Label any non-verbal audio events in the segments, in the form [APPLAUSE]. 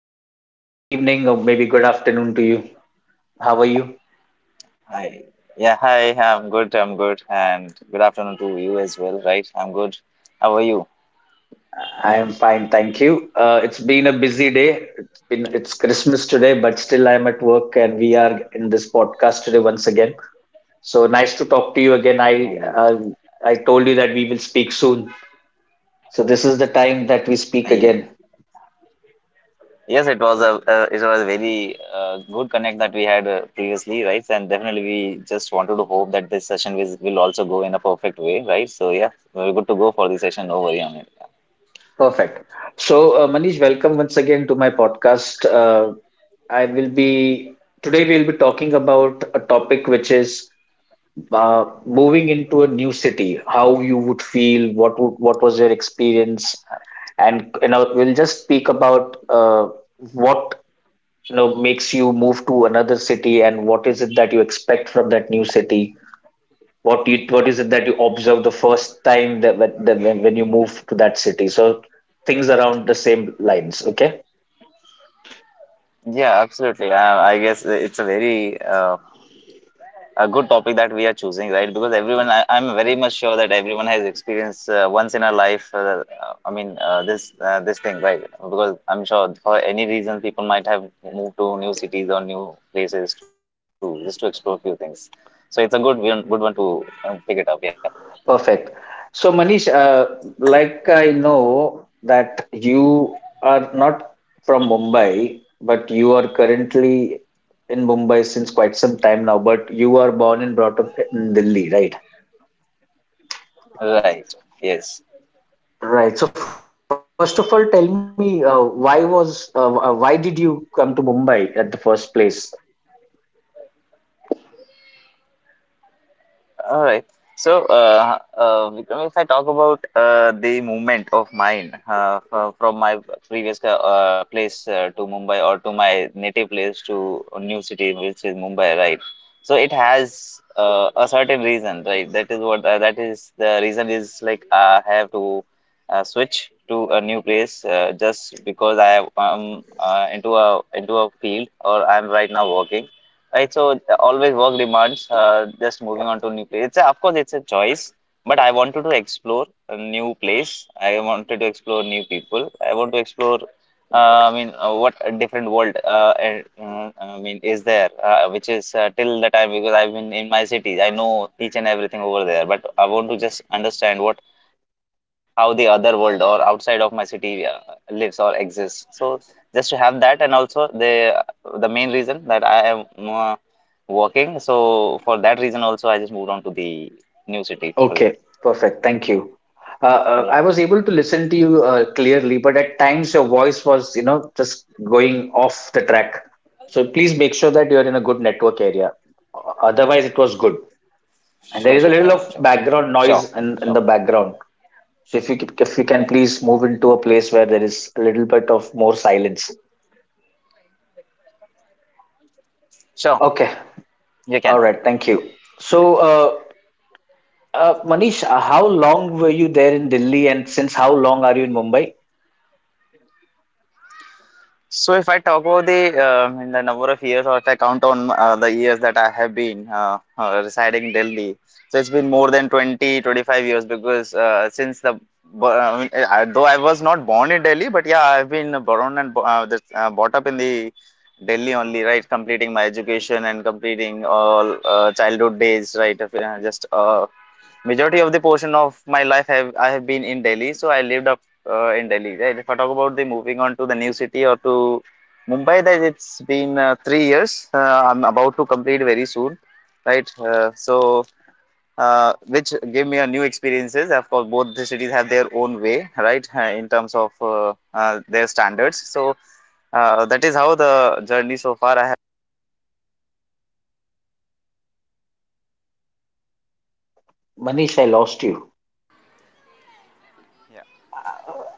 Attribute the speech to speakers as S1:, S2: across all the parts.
S1: Manish, good evening or maybe good afternoon to you. How are you?
S2: Hi. Yeah, hi. I'm good. I'm good. And good afternoon to you as well, right? I'm good. How are you?
S1: I am fine, thank you. It's been a busy day. It's Christmas today, but still I'm at work and we are in this podcast today once again. So nice to talk to you again. I uh,
S2: I,
S1: I told you that we will speak soon. So this is the time that we speak
S2: I,
S1: again.
S2: yes, it was a it was a very good connect that we had previously, right? And definitely we just wanted to hope that this session will also go in a perfect way, right? So yeah, we're good to go for the session. No worry on it.
S1: Perfect. So Manish, welcome once again to my podcast. I will be today we'll be talking about a topic which is moving into a new city, how you would feel, what was your experience, and we'll just speak about what makes you move to another city and what is it that you expect from that new city. What is it that you observe the first time that when you move to that city? So things around the same lines. Okay.
S2: Yeah, absolutely. I guess it's a very a good topic that we are choosing, right? Because I'm very much sure that everyone has experienced once in a life. This thing, right? Because I'm sure for any reason people might have moved to new cities or new places to just to explore few things. So it's a good one to pick it up. Yeah,
S1: Perfect. So, Manish, like I know that you are not from Mumbai, but you are currently in Mumbai since quite some time now, but you are born and brought up in Delhi, right?
S2: right. Yes.
S1: Right. So, first of all, tell me why did you come to Mumbai at the first place?
S2: All right. So, Vikram, if I talk about the movement of mine from my previous place to Mumbai or to my native place to a new city, which is Mumbai, right? So it has a certain reason, right? That is what that is the reason is like I have to switch to a new place just because I am into a field or I'm right now working, right? So always work demands just moving on to new place. It's a, of course it's a choice, but I wanted to explore a new place. I wanted to explore new people. I want to explore what a different world, and is there which is till the time because I've been in my city. I know each and everything over there, but I want to just understand what how the other world or outside of my city lives or exists. So just to have that, and also the main reason that I am uh, working. So for that reason also, I just moved on to the new city for it.
S1: Okay, perfect. Thank you. Uh,
S2: Yeah,
S1: I was able to listen to you clearly, but at times your voice was, just going off the track. So please make sure that you're in a good network area. Otherwise, it was good. And there
S2: sure,
S1: is a
S2: sure,
S1: little
S2: sure,
S1: of
S2: sure.
S1: background
S2: Sure,
S1: noise in the background. So if you can please move into a place where there is a little bit of more silence.
S2: sure,
S1: Okay.
S2: you
S1: All
S2: can.
S1: right. Thank you. So, uh, Manish, how long were you there in Delhi, and since how long are you in Mumbai?
S2: So if I talk about the in the number of years, or if I count on the years that I have been residing in Delhi, so it's been more than 20, 25 years, because since the bo- I mean, I, though I was not born in Delhi, but yeah, I've been born and bo- this, brought up in the Delhi only, right? Completing my education and completing all childhood days, right? of, Just Majority of the portion of my life have I have been in Delhi, so I lived up in Delhi. Right? If I talk about the moving on to the new city or to Mumbai, that it's been 3 years. I'm about to complete very soon, right? So which gave me a new experiences. Of course, both the cities have their own way, right? In terms of their standards. So that is how the journey so far.
S1: Manish, I lost you.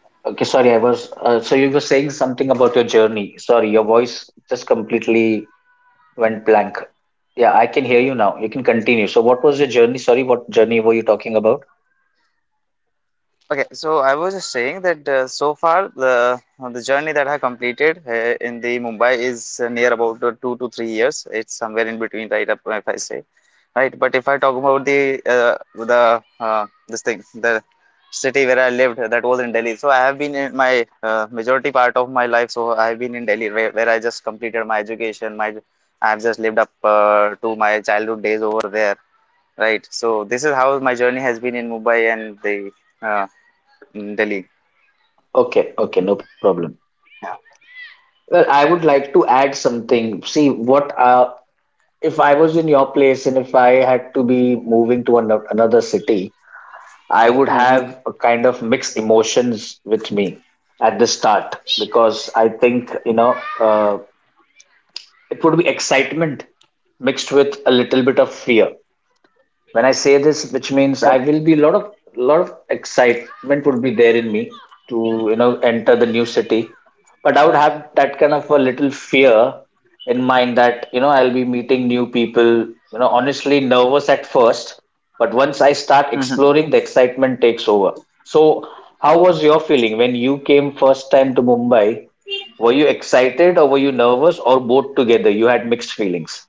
S1: Okay, sorry, I was. So you were saying something about your journey. Sorry, your voice just completely went blank. Yeah, I can hear you now. You can continue. So, what was your journey? Sorry, what journey were you talking about?
S2: Okay, so I was just saying that so far the journey that I completed in the Mumbai is near about 2 to 3 years. It's somewhere in between, right up if I say, right. But if I talk about uh, the the city where I lived, that was in Delhi. So I have been in my majority part of my life. So I have been in Delhi, where I just completed my education. My I've just lived up to my childhood days over there, right. So this is how my journey has been in Mumbai and the. uh, The league.
S1: Okay, okay, no problem. Well, I would like to add something. See, what if I was in your place and if I had to be moving to another city, I would
S2: Hmm.
S1: have a kind of mixed emotions with me at the start because I think, it would be excitement mixed with a little bit of fear when I say this, which means I will be a lot of excitement would be there in me to enter the new city, but I would have that kind of a little fear in mind that I'll be meeting new people. Honestly nervous at first, but once I start
S2: Hmm.
S1: exploring, the excitement takes over. So, how was your feeling when you came first time to Mumbai? Were you excited or were you nervous or both together? You had mixed feelings.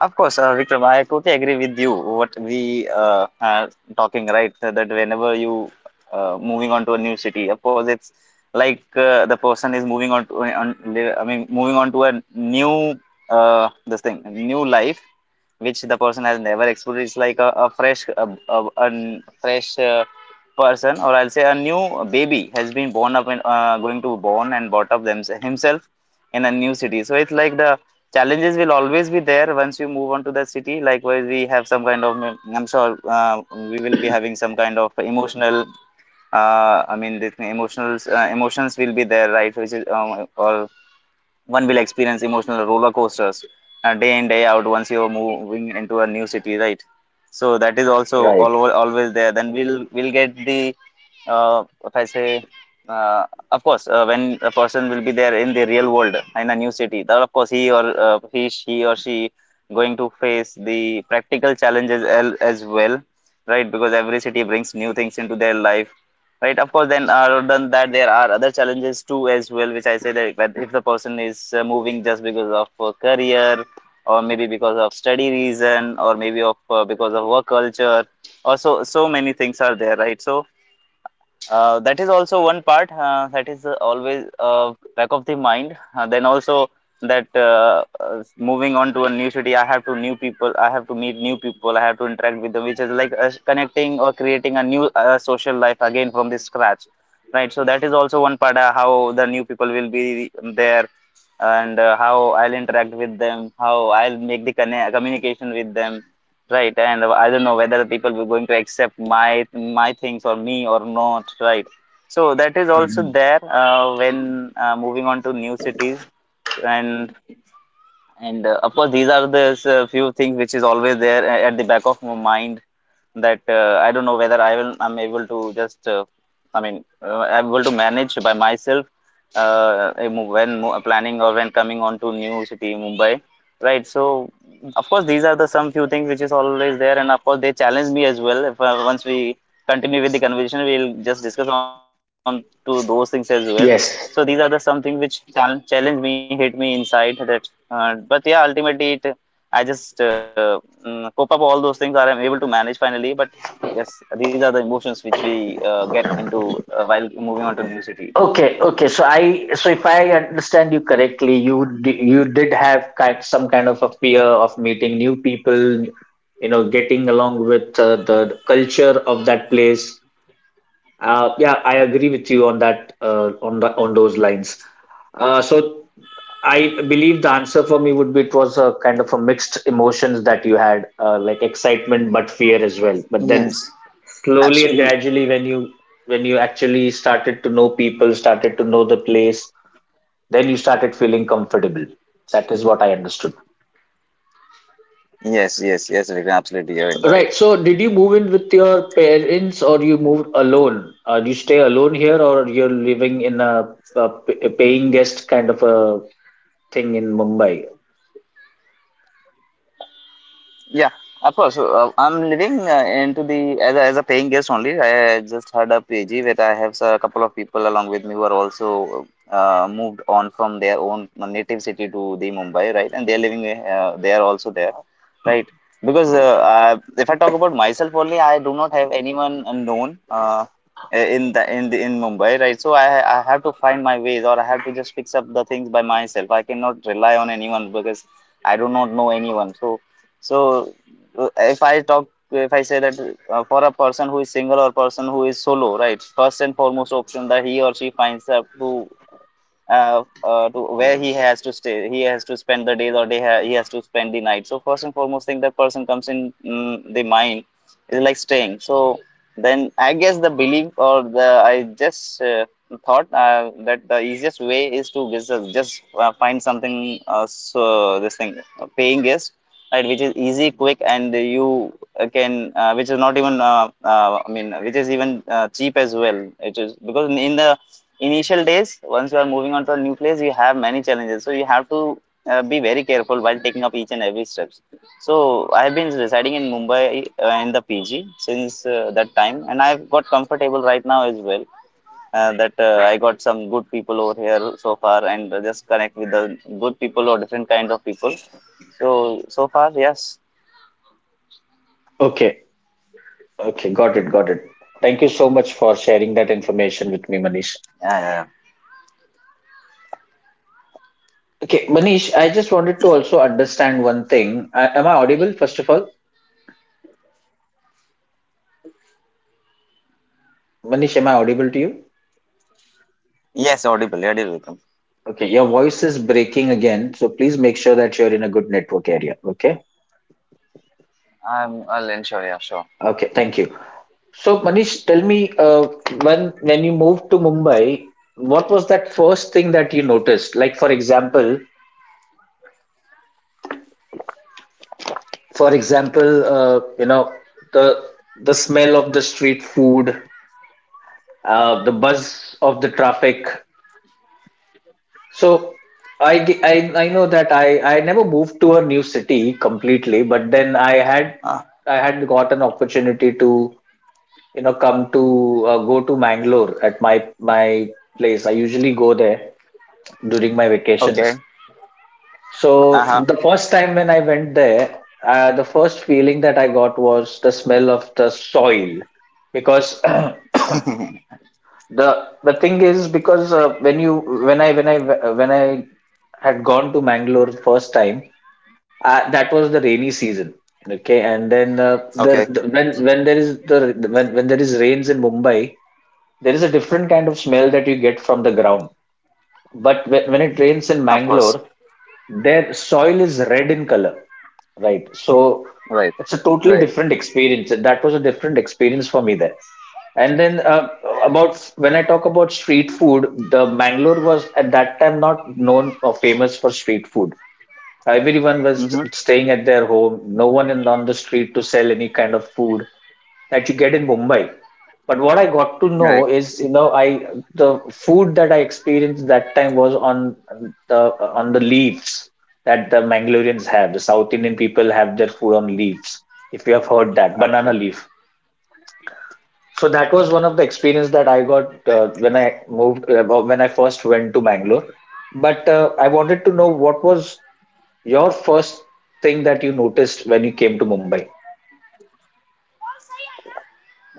S2: Of course, Vikram, I totally agree with you. What we are talking, right? So that whenever you moving on to a new city, of course, it's like the person is moving on to, on, li- I mean, moving on to a new new life, which the person has never experienced. It's like a fresh person, or I'll say a new baby has been born up, and going to born and brought up them, himself, in a new city. So it's like the challenges will always be there once you move on to the city. Likewise, we have some kind of, I'm sure we will be having some kind of emotional emotional emotions will be there, right, which is or one will experience emotional roller coasters day in day out once you're moving into a new city, right? So that is also
S1: Right.
S2: always there. Then we'll get the if I say, uh, of course, when a person will be there in the real world in a new city, then of course she or she going to face the practical challenges as well, right? Because every city brings new things into their life, right? Of course, then other than that, there are other challenges too as well, which I say that, but if the person is moving just because of career, or maybe because of study reason, or maybe of because of work culture, or so so many things are there, right? So that is also one part that is always back of the mind. Then also that moving on to a new city, I have to new people, I have to meet new people, I have to interact with them, which is like connecting or creating a new social life again from the scratch, right? So that is also one part how the new people will be there, and how I'll interact with them, how I'll make the communication with them, right? And I don't know whether people were going to accept my things or me or not, right? So that is also
S1: Mhm.
S2: there when moving on to new cities, and and of course these are the few things which is always there at the back of my mind that I don't know whether I'm able to just I'm able to manage by myself when planning or when coming on to new city Mumbai, right? So of course these are the some few things which is always there, and of course they challenge me as well. If once we continue with the conversation, we'll just discuss on to those things as well. So these are the
S1: Yes.
S2: some things which challenge me, hit me inside that but yeah, ultimately it I just cope up all those things that I'm able to manage finally. But yes, these are the emotions which we get into while moving on to new city.
S1: Okay, okay. So if I understand you correctly, you did have some kind of a fear of meeting new people, getting along with the culture of that place. Yeah, I agree with you on that, on those lines. So I believe the answer for me would be it was a kind of a mixed emotions that you had, like excitement but fear as well. But
S2: Yes,
S1: then
S2: absolutely.
S1: slowly and gradually, when you actually started to know people, started to know the place, then you started feeling comfortable. That is what I understood.
S2: Yes Vikram, absolutely, you're right.
S1: Right. So, did you move in with your parents or you moved alone? Do you stay alone here or you're living in a paying guest kind of a thing in Mumbai?
S2: Yeah, of course. I'm living into the as as a paying guest only. I just had a PG where I have a couple of people along with me who are also moved on from their own native city to the Mumbai, right? And they're living they are also there, right? Because if I talk about myself only, I do not have anyone known in in Mumbai, right? So I have to find my ways, or I have to just fix up the things by myself. I cannot rely on anyone because I do not know anyone. So so if I talk, if I say that for a person who is single or person who is solo, right? First and foremost option that he or she finds up to where he has to stay, he has to spend the days, or he has to spend the night. So first and foremost thing that person comes in the mind is like staying. So then I guess the belief or the I just thought that the easiest way is to just find something, so this thing, a paying guest, right, which is easy, quick, and you can, which is not even I mean, which is even cheap as well. It is because in the initial days, once you are moving on to a new place, you have many challenges, so you have to be very careful while taking up each and every steps. So I have been residing in Mumbai in the PG since that time, and I've got comfortable right now as well, that I got some good people over here so far and just connect with the good people or different kind of people. So so far, yes.
S1: Okay. Okay. Got it. Got it. Thank you so much for sharing that information with me, Manish.
S2: Yeah, yeah.
S1: Okay. Manish, I just wanted to also understand one thing. Am I audible, first of all? Manish, am I audible to you?
S2: Yes, audible, yeah, dear Vikram.
S1: Okay. Your voice is breaking again. So, please make sure that you're in a good network area. Okay.
S2: I'm, I'll ensure, yeah, sure.
S1: Okay, thank you. So, Manish, tell me, when you moved to Mumbai, what was that first thing that you noticed? Like, for example, the the smell of the street food, the buzz of the traffic. So, I, ge- I I know that I never moved to a new city completely, but then I had
S2: Ah,
S1: I had got an opportunity to you know come to go to Mangalore at my place. I usually go there during my vacations.
S2: okay.
S1: So the first
S2: Uh-huh.
S1: time when I went there, the first feeling that I got was the smell of the soil because [CLEARS THROAT] the thing is because when you when I when I when I had gone to Mangalore first time, that was the rainy season. Okay, and then
S2: Okay.
S1: the when there is the when there is rains in Mumbai, there is a different kind of smell that you get from the ground. But when it rains
S2: Of
S1: in
S2: course.
S1: Mangalore, their soil is red in color, right? So
S2: Right,
S1: it's a
S2: right.
S1: totally different experience. That was a different experience for me there. And then about when I talk about street food, the Mangalore was at that time not known or famous for street food. Everyone was
S2: Mm-hmm.
S1: staying at their home. No one in on the street to sell any kind of food that you get in Mumbai. But what I got to
S2: Right.
S1: know is, you know, I the food that I experienced that time was the on the leaves that the Mangaloreans have. The South Indian people have their food on leaves. If you have heard that, banana
S2: Absolutely.
S1: leaf. So that was one of the experience that I got when I first went to Bangalore. But I wanted to know what was your first thing that you noticed when you came to Mumbai.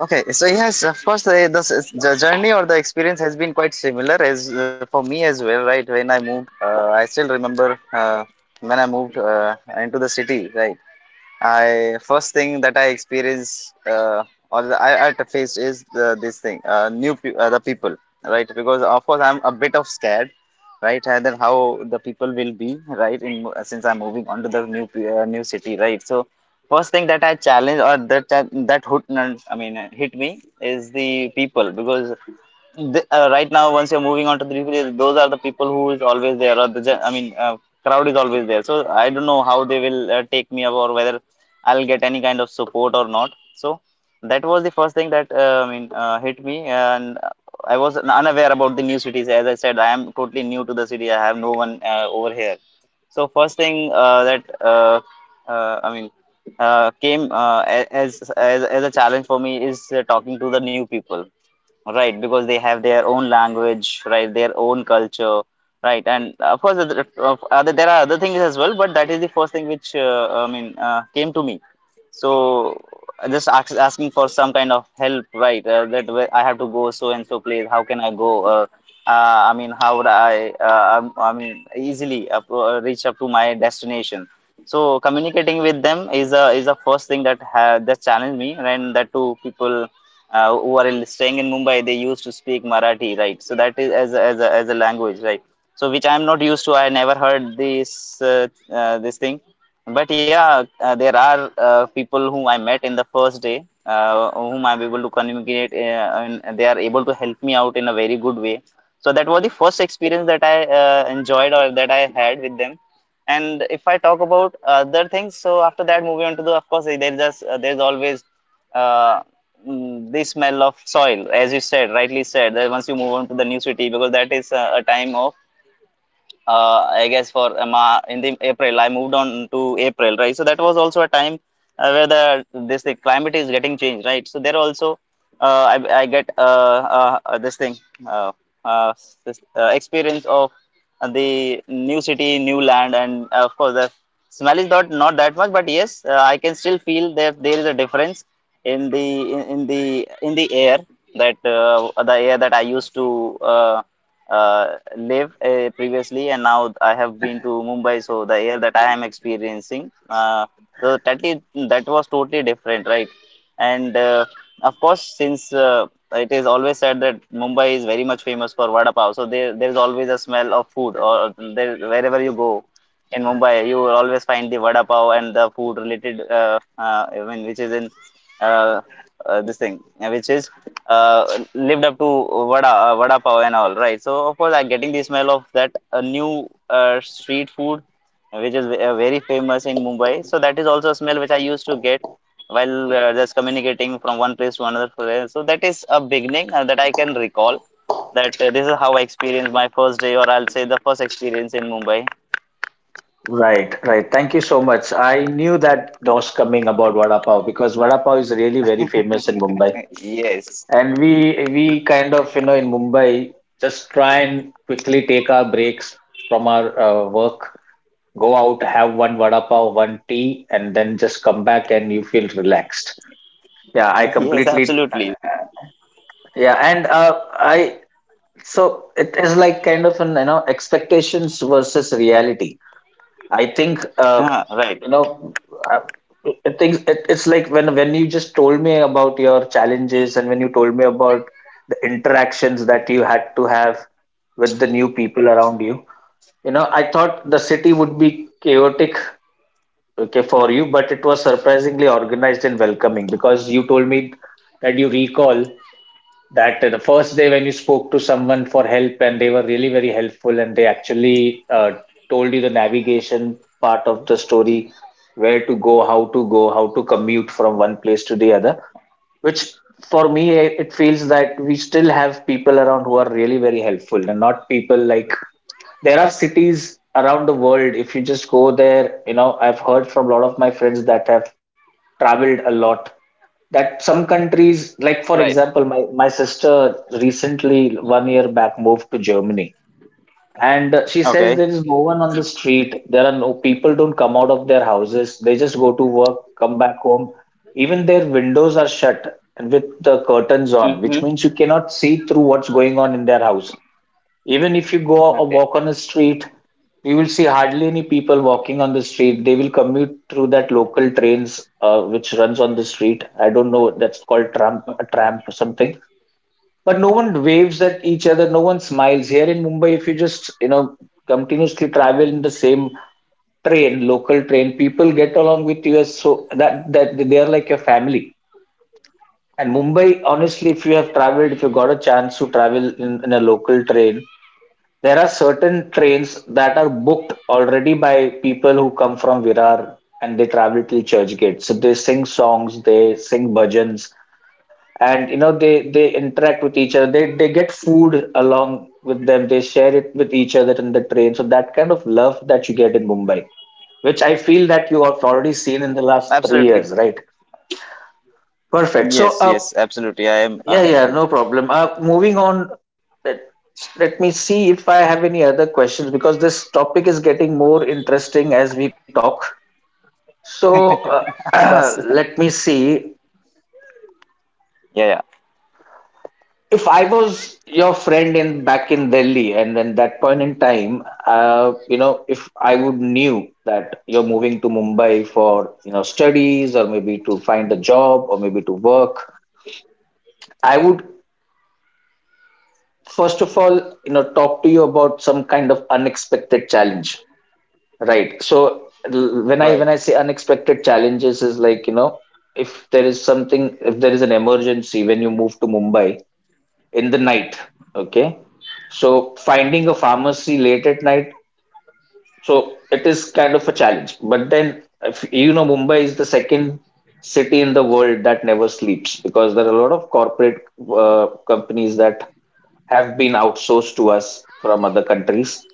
S2: Okay. So yes, of course, the the journey or the experience has been quite similar as for me as well. Right. When I moved, I still remember, when I moved into the city. Right. I first thing that I experienced, or the, I at faced is the, this thing, new the people, right, because of course I'm a bit of scared, right, and then how the people will be, right, in since I'm moving on to the new new city, right. So first thing that I challenge or that that hoot, I mean, hit me is the people. Because the, right now, once you're moving on to the replay, those are the people who is always there, or the I mean, crowd is always there. So I don't know how they will take me up, or whether I'll get any kind of support or not. So that was the first thing that I mean hit me. And I was unaware about the new cities. As I said, I am totally new to the city. I have no one over here. So first thing that I mean came as, as a challenge for me is talking to the new people. Right, because they have their own language, right, their own culture, right. And of course, other, of other, there are other things as well, but that is the first thing which I mean came to me. So just asking for some kind of help, right? That where I have to go, so and so place. How can I go? I mean, how would I? I mean, easily reach up to my destination. So communicating with them is a first thing that ha that challenged me. And that too people who are staying in Mumbai, they used to speak Marathi, right? So that is as a, as a, as a language, right? So which I'm not used to. I never heard this, this thing. But yeah, there are people whom I met in the first day, whom I'm able to communicate, and they are able to help me out in a very good way. So that was the first experience that I enjoyed or that I had with them. And if I talk about other things, so after that, moving on to the, of course, there's just, there's always uh, the smell of soil, as you said, rightly said, that once you move on to the new city, because that is a time of I guess for in the April, I moved on to April, right? So that was also a time where the this the climate is getting changed, right? So there also, uh, I I get this thing, uh, uh this experience of the new city, new land. And of course the smell is not that much, but yes, I can still feel that there is a difference in the in the in the air, that the air that I used to uh, live previously, and now I have been to Mumbai. So the air that I am experiencing, so that is, that was totally different, right? And of course, since it is always said that Mumbai is very much famous for vada pav. So there is always a smell of food, or there wherever you go in Mumbai, you will always find the vada pav and the food related, I mean, which is in uh, this thing, which is uh, lived up to vada pav and all, right? So of course I'm getting the smell of that new street food, which is very famous in Mumbai. So that is also a smell which I used to get while just communicating from one place to another place. So that is a beginning that I can recall, that this is how I experienced my first day, or I'll say the first experience in Mumbai.
S1: Right, right. Thank you so much. I knew that was coming about vada pav, because vada pav is really very famous in Mumbai,
S2: Yes,
S1: and we kind of in Mumbai just try and quickly take our breaks from our work, go out, have one vada pav, one tea, and then just come back and you feel relaxed. Yeah, I
S2: yes,
S1: completely.
S2: absolutely.
S1: Yeah, and I so it is like kind of an you know expectations versus reality. I think
S2: Ah, right.
S1: you know I, it things it, it's like when you just told me about your challenges, and when you told me about the interactions that you had to have with the new people around you, you know I thought the city would be chaotic, okay, for you, but it was surprisingly organized and welcoming, because you told me that you recall that the first day, when you spoke to someone for help, and they were really very helpful, and they actually told you the navigation part of the story, where to go, how to go, how to commute from one place to the other. Which for me, it feels that we still have people around who are really very helpful, and not people like there are cities around the world, if you just go there. I've heard from a lot of my friends that have traveled a lot, that some countries, like
S2: Right.
S1: for example, my sister recently one year back moved to Germany, and she
S2: Okay.
S1: says there is no one on the street. There are no people, don't come out of their houses. They just go to work, come back home. Even their windows are shut and with the curtains on,
S2: Mm-hmm.
S1: which means you cannot see through what's going on in their house. Even if you go a
S2: Okay.
S1: walk on a street, you will see hardly any people walking on the street. They will commute through that local trains, which runs on the street. I don't know that's called tramp, a tramp or something. But no one waves at each other. No one smiles. Here in Mumbai, if you just continuously travel in the same train, local train, people get along with you as so that they are like your family. And Mumbai, honestly, if you have traveled, if you got a chance to travel in a local train, there are certain trains that are booked already by people who come from Virar, and they travel till Churchgate. So they sing songs, they sing bhajans, and they interact with each other. They get food along with them. They share it with each other in the train. So that kind of love that you get in Mumbai, which I feel that you have already seen in the last 3 years,
S2: Absolutely.
S1: right? Perfect. So
S2: Yes,
S1: uh,
S2: yes, absolutely. I am
S1: yeah, yeah, no
S2: with it.
S1: problem. Moving on, let me see if I have any other questions because this topic is getting more interesting as we talk. So
S2: [LAUGHS] Of
S1: [CLEARS THROAT]
S2: course.
S1: let
S2: [LAUGHS]
S1: me see.
S2: Yeah, yeah.
S1: If I was your friend in back in Delhi, and then that point in time, if I would knew that you're moving to Mumbai for studies or maybe to find a job or maybe to work, I would first of all talk to you about some kind of unexpected challenge. Right. So l- when I
S2: Right.
S1: when I say unexpected challenges is like, if there is something, if there is an emergency when you move to Mumbai in the night, okay? So finding a pharmacy late at night, so it is kind of a challenge. But then, if you know, Mumbai is the second city in the world that never sleeps because there are a lot of corporate companies that have been outsourced to us from other countries.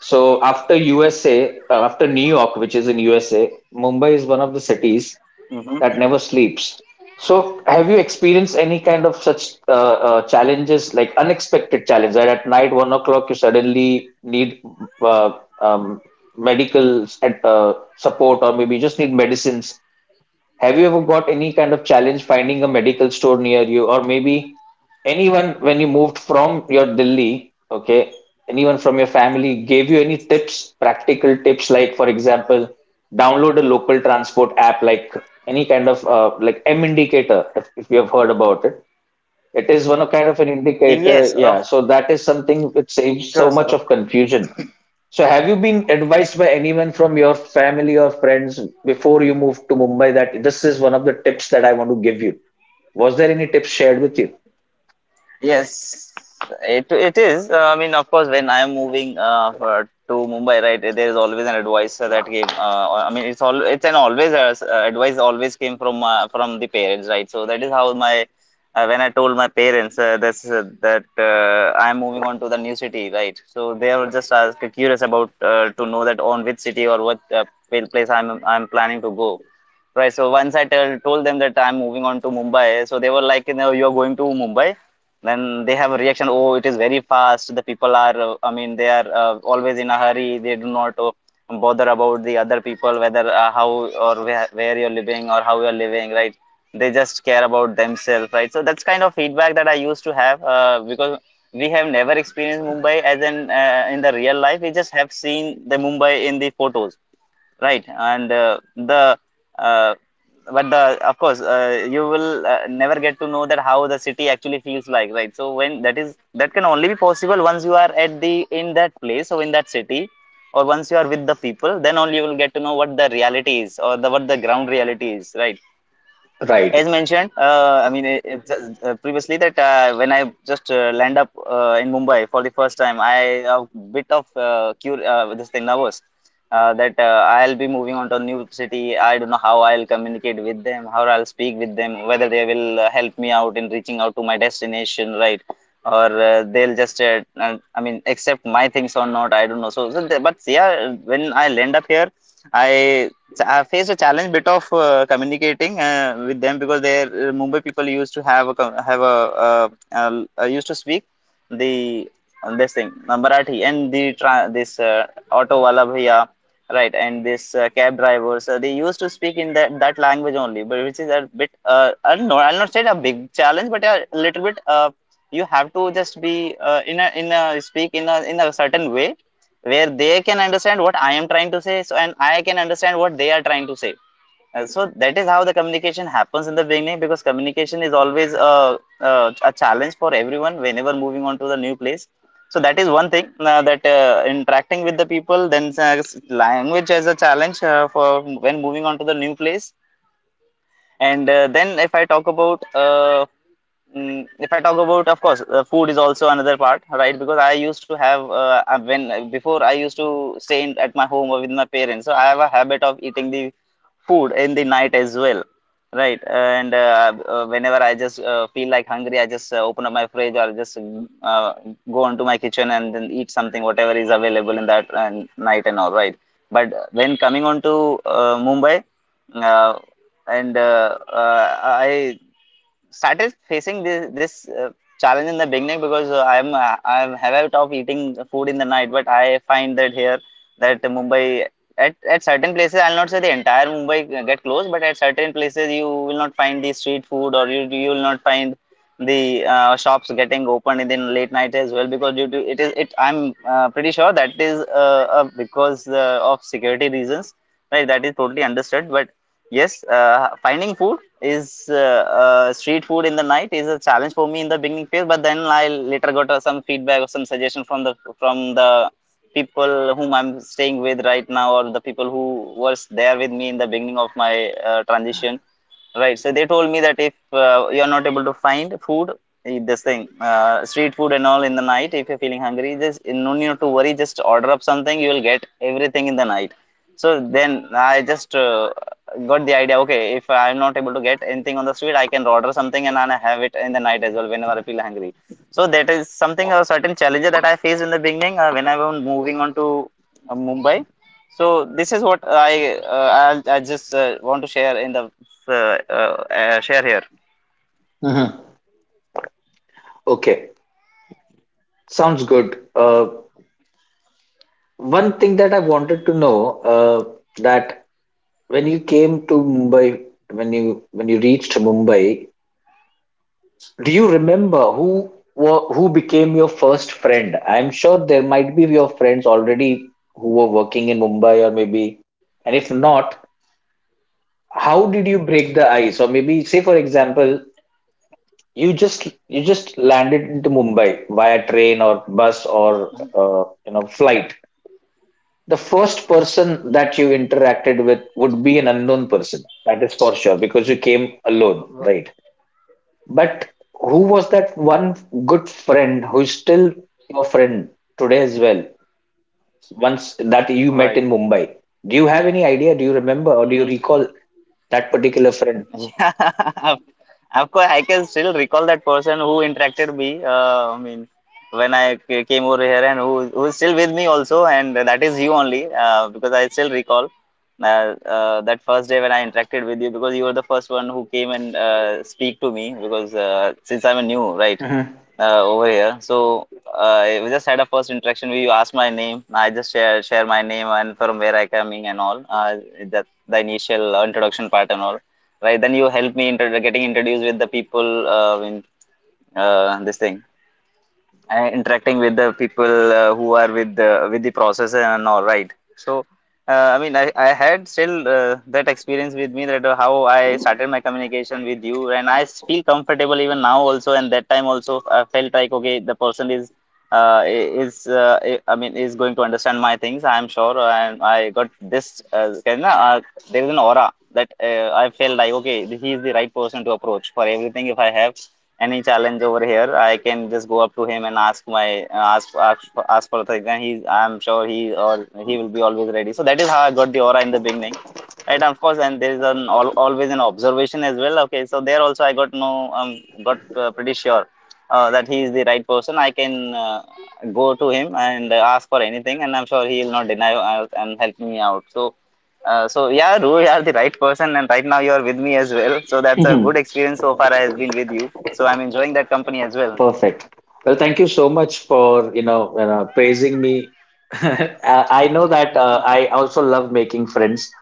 S1: So after USA, after New York, which is in USA, Mumbai is one of the cities
S2: Hmm.
S1: that never sleeps. So have you experienced any kind of such challenges, like unexpected challenge that at night 1 o'clock you suddenly need uh, um, medical support, or maybe you just need medicines? Have you ever got any kind of challenge finding a medical store near you, or maybe anyone when you moved from your Delhi? Okay, anyone from your family gave you any tips, practical tips, like for example, download a local transport app, like any kind of like M indicator, if you have heard about it. It is one of kind of an indicator,
S2: Yes,
S1: yeah.
S2: of
S1: So that is something which saves so
S2: course.
S1: much
S2: Of.
S1: of confusion. So, have you been advised by anyone from your family or friends before you moved to Mumbai that this is one of the tips that I want to give you? Was there any tips shared with you?
S2: Yes, it is. I mean, of course, when I am moving to Mumbai, right, there is always an advisor that came. I mean, it's all it's an always advice always came from the parents, right? So that is how my when I told my parents that I am moving on to the new city, right? So they were just curious about to know that on which city, or what place I'm planning to go. Right, so once I told them that I'm moving on to Mumbai, so they were like, you know, you're going to Mumbai? Then they have a reaction, oh, it is very fast, the people are I mean, they are always in a hurry. They do not bother about the other people, whether how or where you're living, or how you're living, right. They just care about themselves, right. So that's kind of feedback that I used to have, because we have never experienced Mumbai as in, in the real life. We just have seen the Mumbai in the photos, right. And the, uh, but the, of course you will never get to know that how the city actually feels like, right. So when that is, that can only be possible once you are at the in that place or in that city, or once you are with the people, then only you will get to know what the reality is, or the what the ground reality is, right.
S1: Right.
S2: As mentioned, I mean, previously, that when I just land up in Mumbai for the first time, I a bit of this thing nervous, that I'll be moving on to a new city. I don't know how I'll communicate with them, how I'll speak with them, whether they will help me out in reaching out to my destination, right. Or they'll just I mean, accept my things or not, I don't know. So, but yeah, when I land up here, I I faced a challenge, bit of communicating with them, because they, Mumbai people used to have a have a used to speak the, this thing, Marathi, and the this auto wala bhaiya, right, and this cab drivers, they used to speak in that language only. But which is a bit, I don't know, I'll not say a big challenge, but a little bit, you have to just be in a speak in a certain way where they can understand what I am trying to say, so, and I can understand what they are trying to say. So that is how the communication happens in the beginning, because communication is always a challenge for everyone whenever moving on to the new place. So that is one thing, that interacting with the people, then language as a challenge for when moving on to the new place. And then if I talk about, if I talk about, of course, food is also another part, right? Because I used to have when before I used to stay at my home or with my parents, so I have a habit of eating the food in the night as well, right? And whenever I just feel like hungry, I just open up my fridge, or just go onto my kitchen and then eat something whatever is available in that, night and all, right? But when coming on to Mumbai, uh, and I started facing this challenge in the beginning because I'm habit of eating food in the night, but I find that here that Mumbai at certain places I'll not say the entire Mumbai get closed, but at certain places you will not find the street food or you will not find the shops getting open in the late night as well because due to it is it I'm pretty sure that is because of security reasons, right? That is totally understood. But yes, finding food is street food in the night is a challenge for me in the beginning phase. But then I later got some feedback or some suggestion from the people whom I'm staying with right now, or the people who was there with me in the beginning of my transition. Right. So they told me that if you're not able to find food, eat this thing, street food and all in the night, if you're feeling hungry, just no need to worry. Just order up something. You will get everything in the night. So then I just got the idea. Okay, if I'm not able to get anything on the street, I can order something and then I have it in the night as well whenever I feel hungry. So that is something, a certain challenge that I faced in the beginning when I was moving on to Mumbai. So this is what I just want to share in the uh, uh, share here.
S1: Mhm. Okay. Sounds good. One thing that I wanted to know, that when you came to Mumbai, when you reached Mumbai, do you remember who were, who became your first friend? I'm sure there might be your friends already who were working in Mumbai, or maybe, and if not, how did you break the ice? Or maybe, say for example, you just landed into Mumbai via train or bus or flight. The first person that you interacted with would be an unknown person, that is for sure, because you came alone, right? But who was that one good friend who's still your friend today as well, once that you met
S2: Right.
S1: in Mumbai? Do you have any idea, do you remember, or do you
S2: Mm-hmm.
S1: recall that particular friend?
S2: Yeah, [LAUGHS] of course, I can still recall that person who interacted me. I mean, when came over here and who is still with me also, and that is you only, because I still recall uh, that first day when I interacted with you, because you were the first one who came and speak to me, because since I'm a new, right,
S1: Mhm.
S2: over here. So we just had a first interaction where you asked my name, I just share my name and from where I coming and all, that the initial introduction part and all. Right, then you help me inter getting introduced with the people in this thing, interacting with the people who are with the process and all, right? So I mean, I had still that experience with me, that how I started my communication with you, and I feel comfortable even now also, and that time also I felt like, okay, the person is uh, is uh, I mean, is going to understand my things, I am sure. And I got this kind of, there is an aura that I felt like, okay, he is the right person to approach for everything. If I have any challenge over here, I can just go up to him and ask my ask for the exam, he, I'm sure he or he will be always ready. So that is how I got the aura in the beginning, right? Of course, and there is an al always an observation as well. Okay, so there also I got no got pretty sure that he is the right person. I can uh, go to him and ask for anything, and I'm sure he will not deny, and help me out. So so yeah, Ru, you are the right person, and right now you are with me as well. So that's a good
S1: [LAUGHS]
S2: experience so far. I has been with you, so I'm enjoying that company as well.
S1: Perfect. Well, thank you so much for, praising me. [LAUGHS] I know that I also love making friends.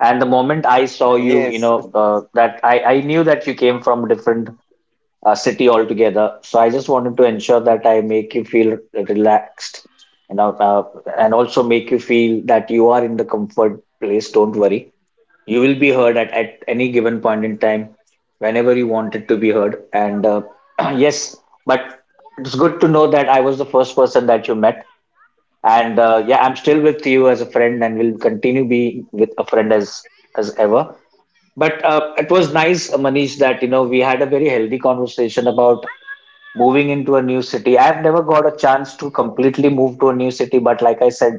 S1: And the moment I saw you,
S2: Yes. [LAUGHS]
S1: that I knew that you came from a different city altogether. So I just wanted to ensure that I make you feel relaxed, and also make you feel that you are in the comfort place. Don't worry. You will be heard at any given point in time, whenever you want it to be heard. And [CLEARS THROAT] yes, but it's good to know that I was the first person that you met. And yeah, I'm still with you as a friend and will continue be with a friend as ever. But it was nice, Manish, that you know we had a very healthy conversation about moving into a new city. I've never got a chance to completely move to a new city, but like I said,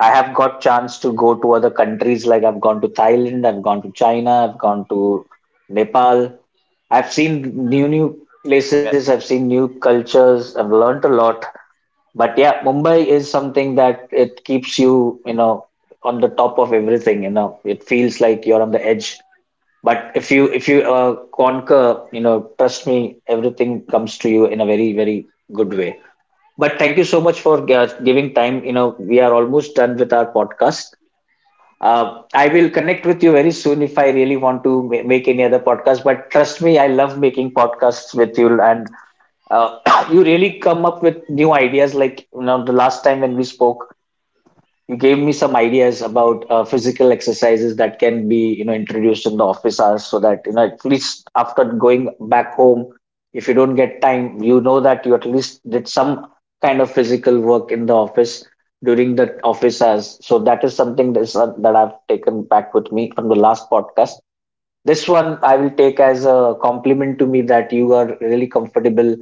S1: I have got chance to go to other countries. Like I've gone to Thailand, I've gone to China, I've gone to Nepal. I've seen new
S2: Okay.
S1: places, I've seen new cultures, I've learnt a lot. But yeah, Mumbai is something that it keeps you, you know, on the top of everything, you know. It feels like you're on the edge. But if you conquer, you know, trust me, everything comes to you in a very very good way. But thank you so much for giving time. You know, we are almost done with our podcast. I will connect with you very soon if I really want to make any other podcast. But trust me, I love making podcasts with you, and uh, [COUGHS] [CLEARS THROAT] you really come up with new ideas. Like you know, the last time when we spoke, you gave me some ideas about physical exercises that can be you know introduced in the office hours so that you know at least after going back home if you don't get time you know that you at least did some kind of physical work in the office during the office hours. So that is something that, is, that I've taken back with me from the last podcast. This one I will take as a compliment to me that you are really comfortable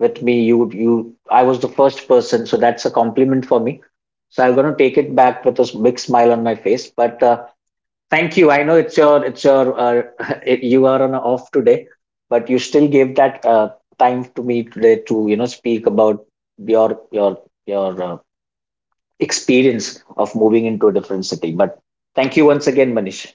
S1: with me. You, I was the first person, so that's a compliment for me. So I'm gonna take it back with a big smile on my face. But thank you. I know it's your [LAUGHS] it, you are on a off today, but you still gave that time to me today to you know speak about your experience of moving into a different city. But thank you once again, Manish.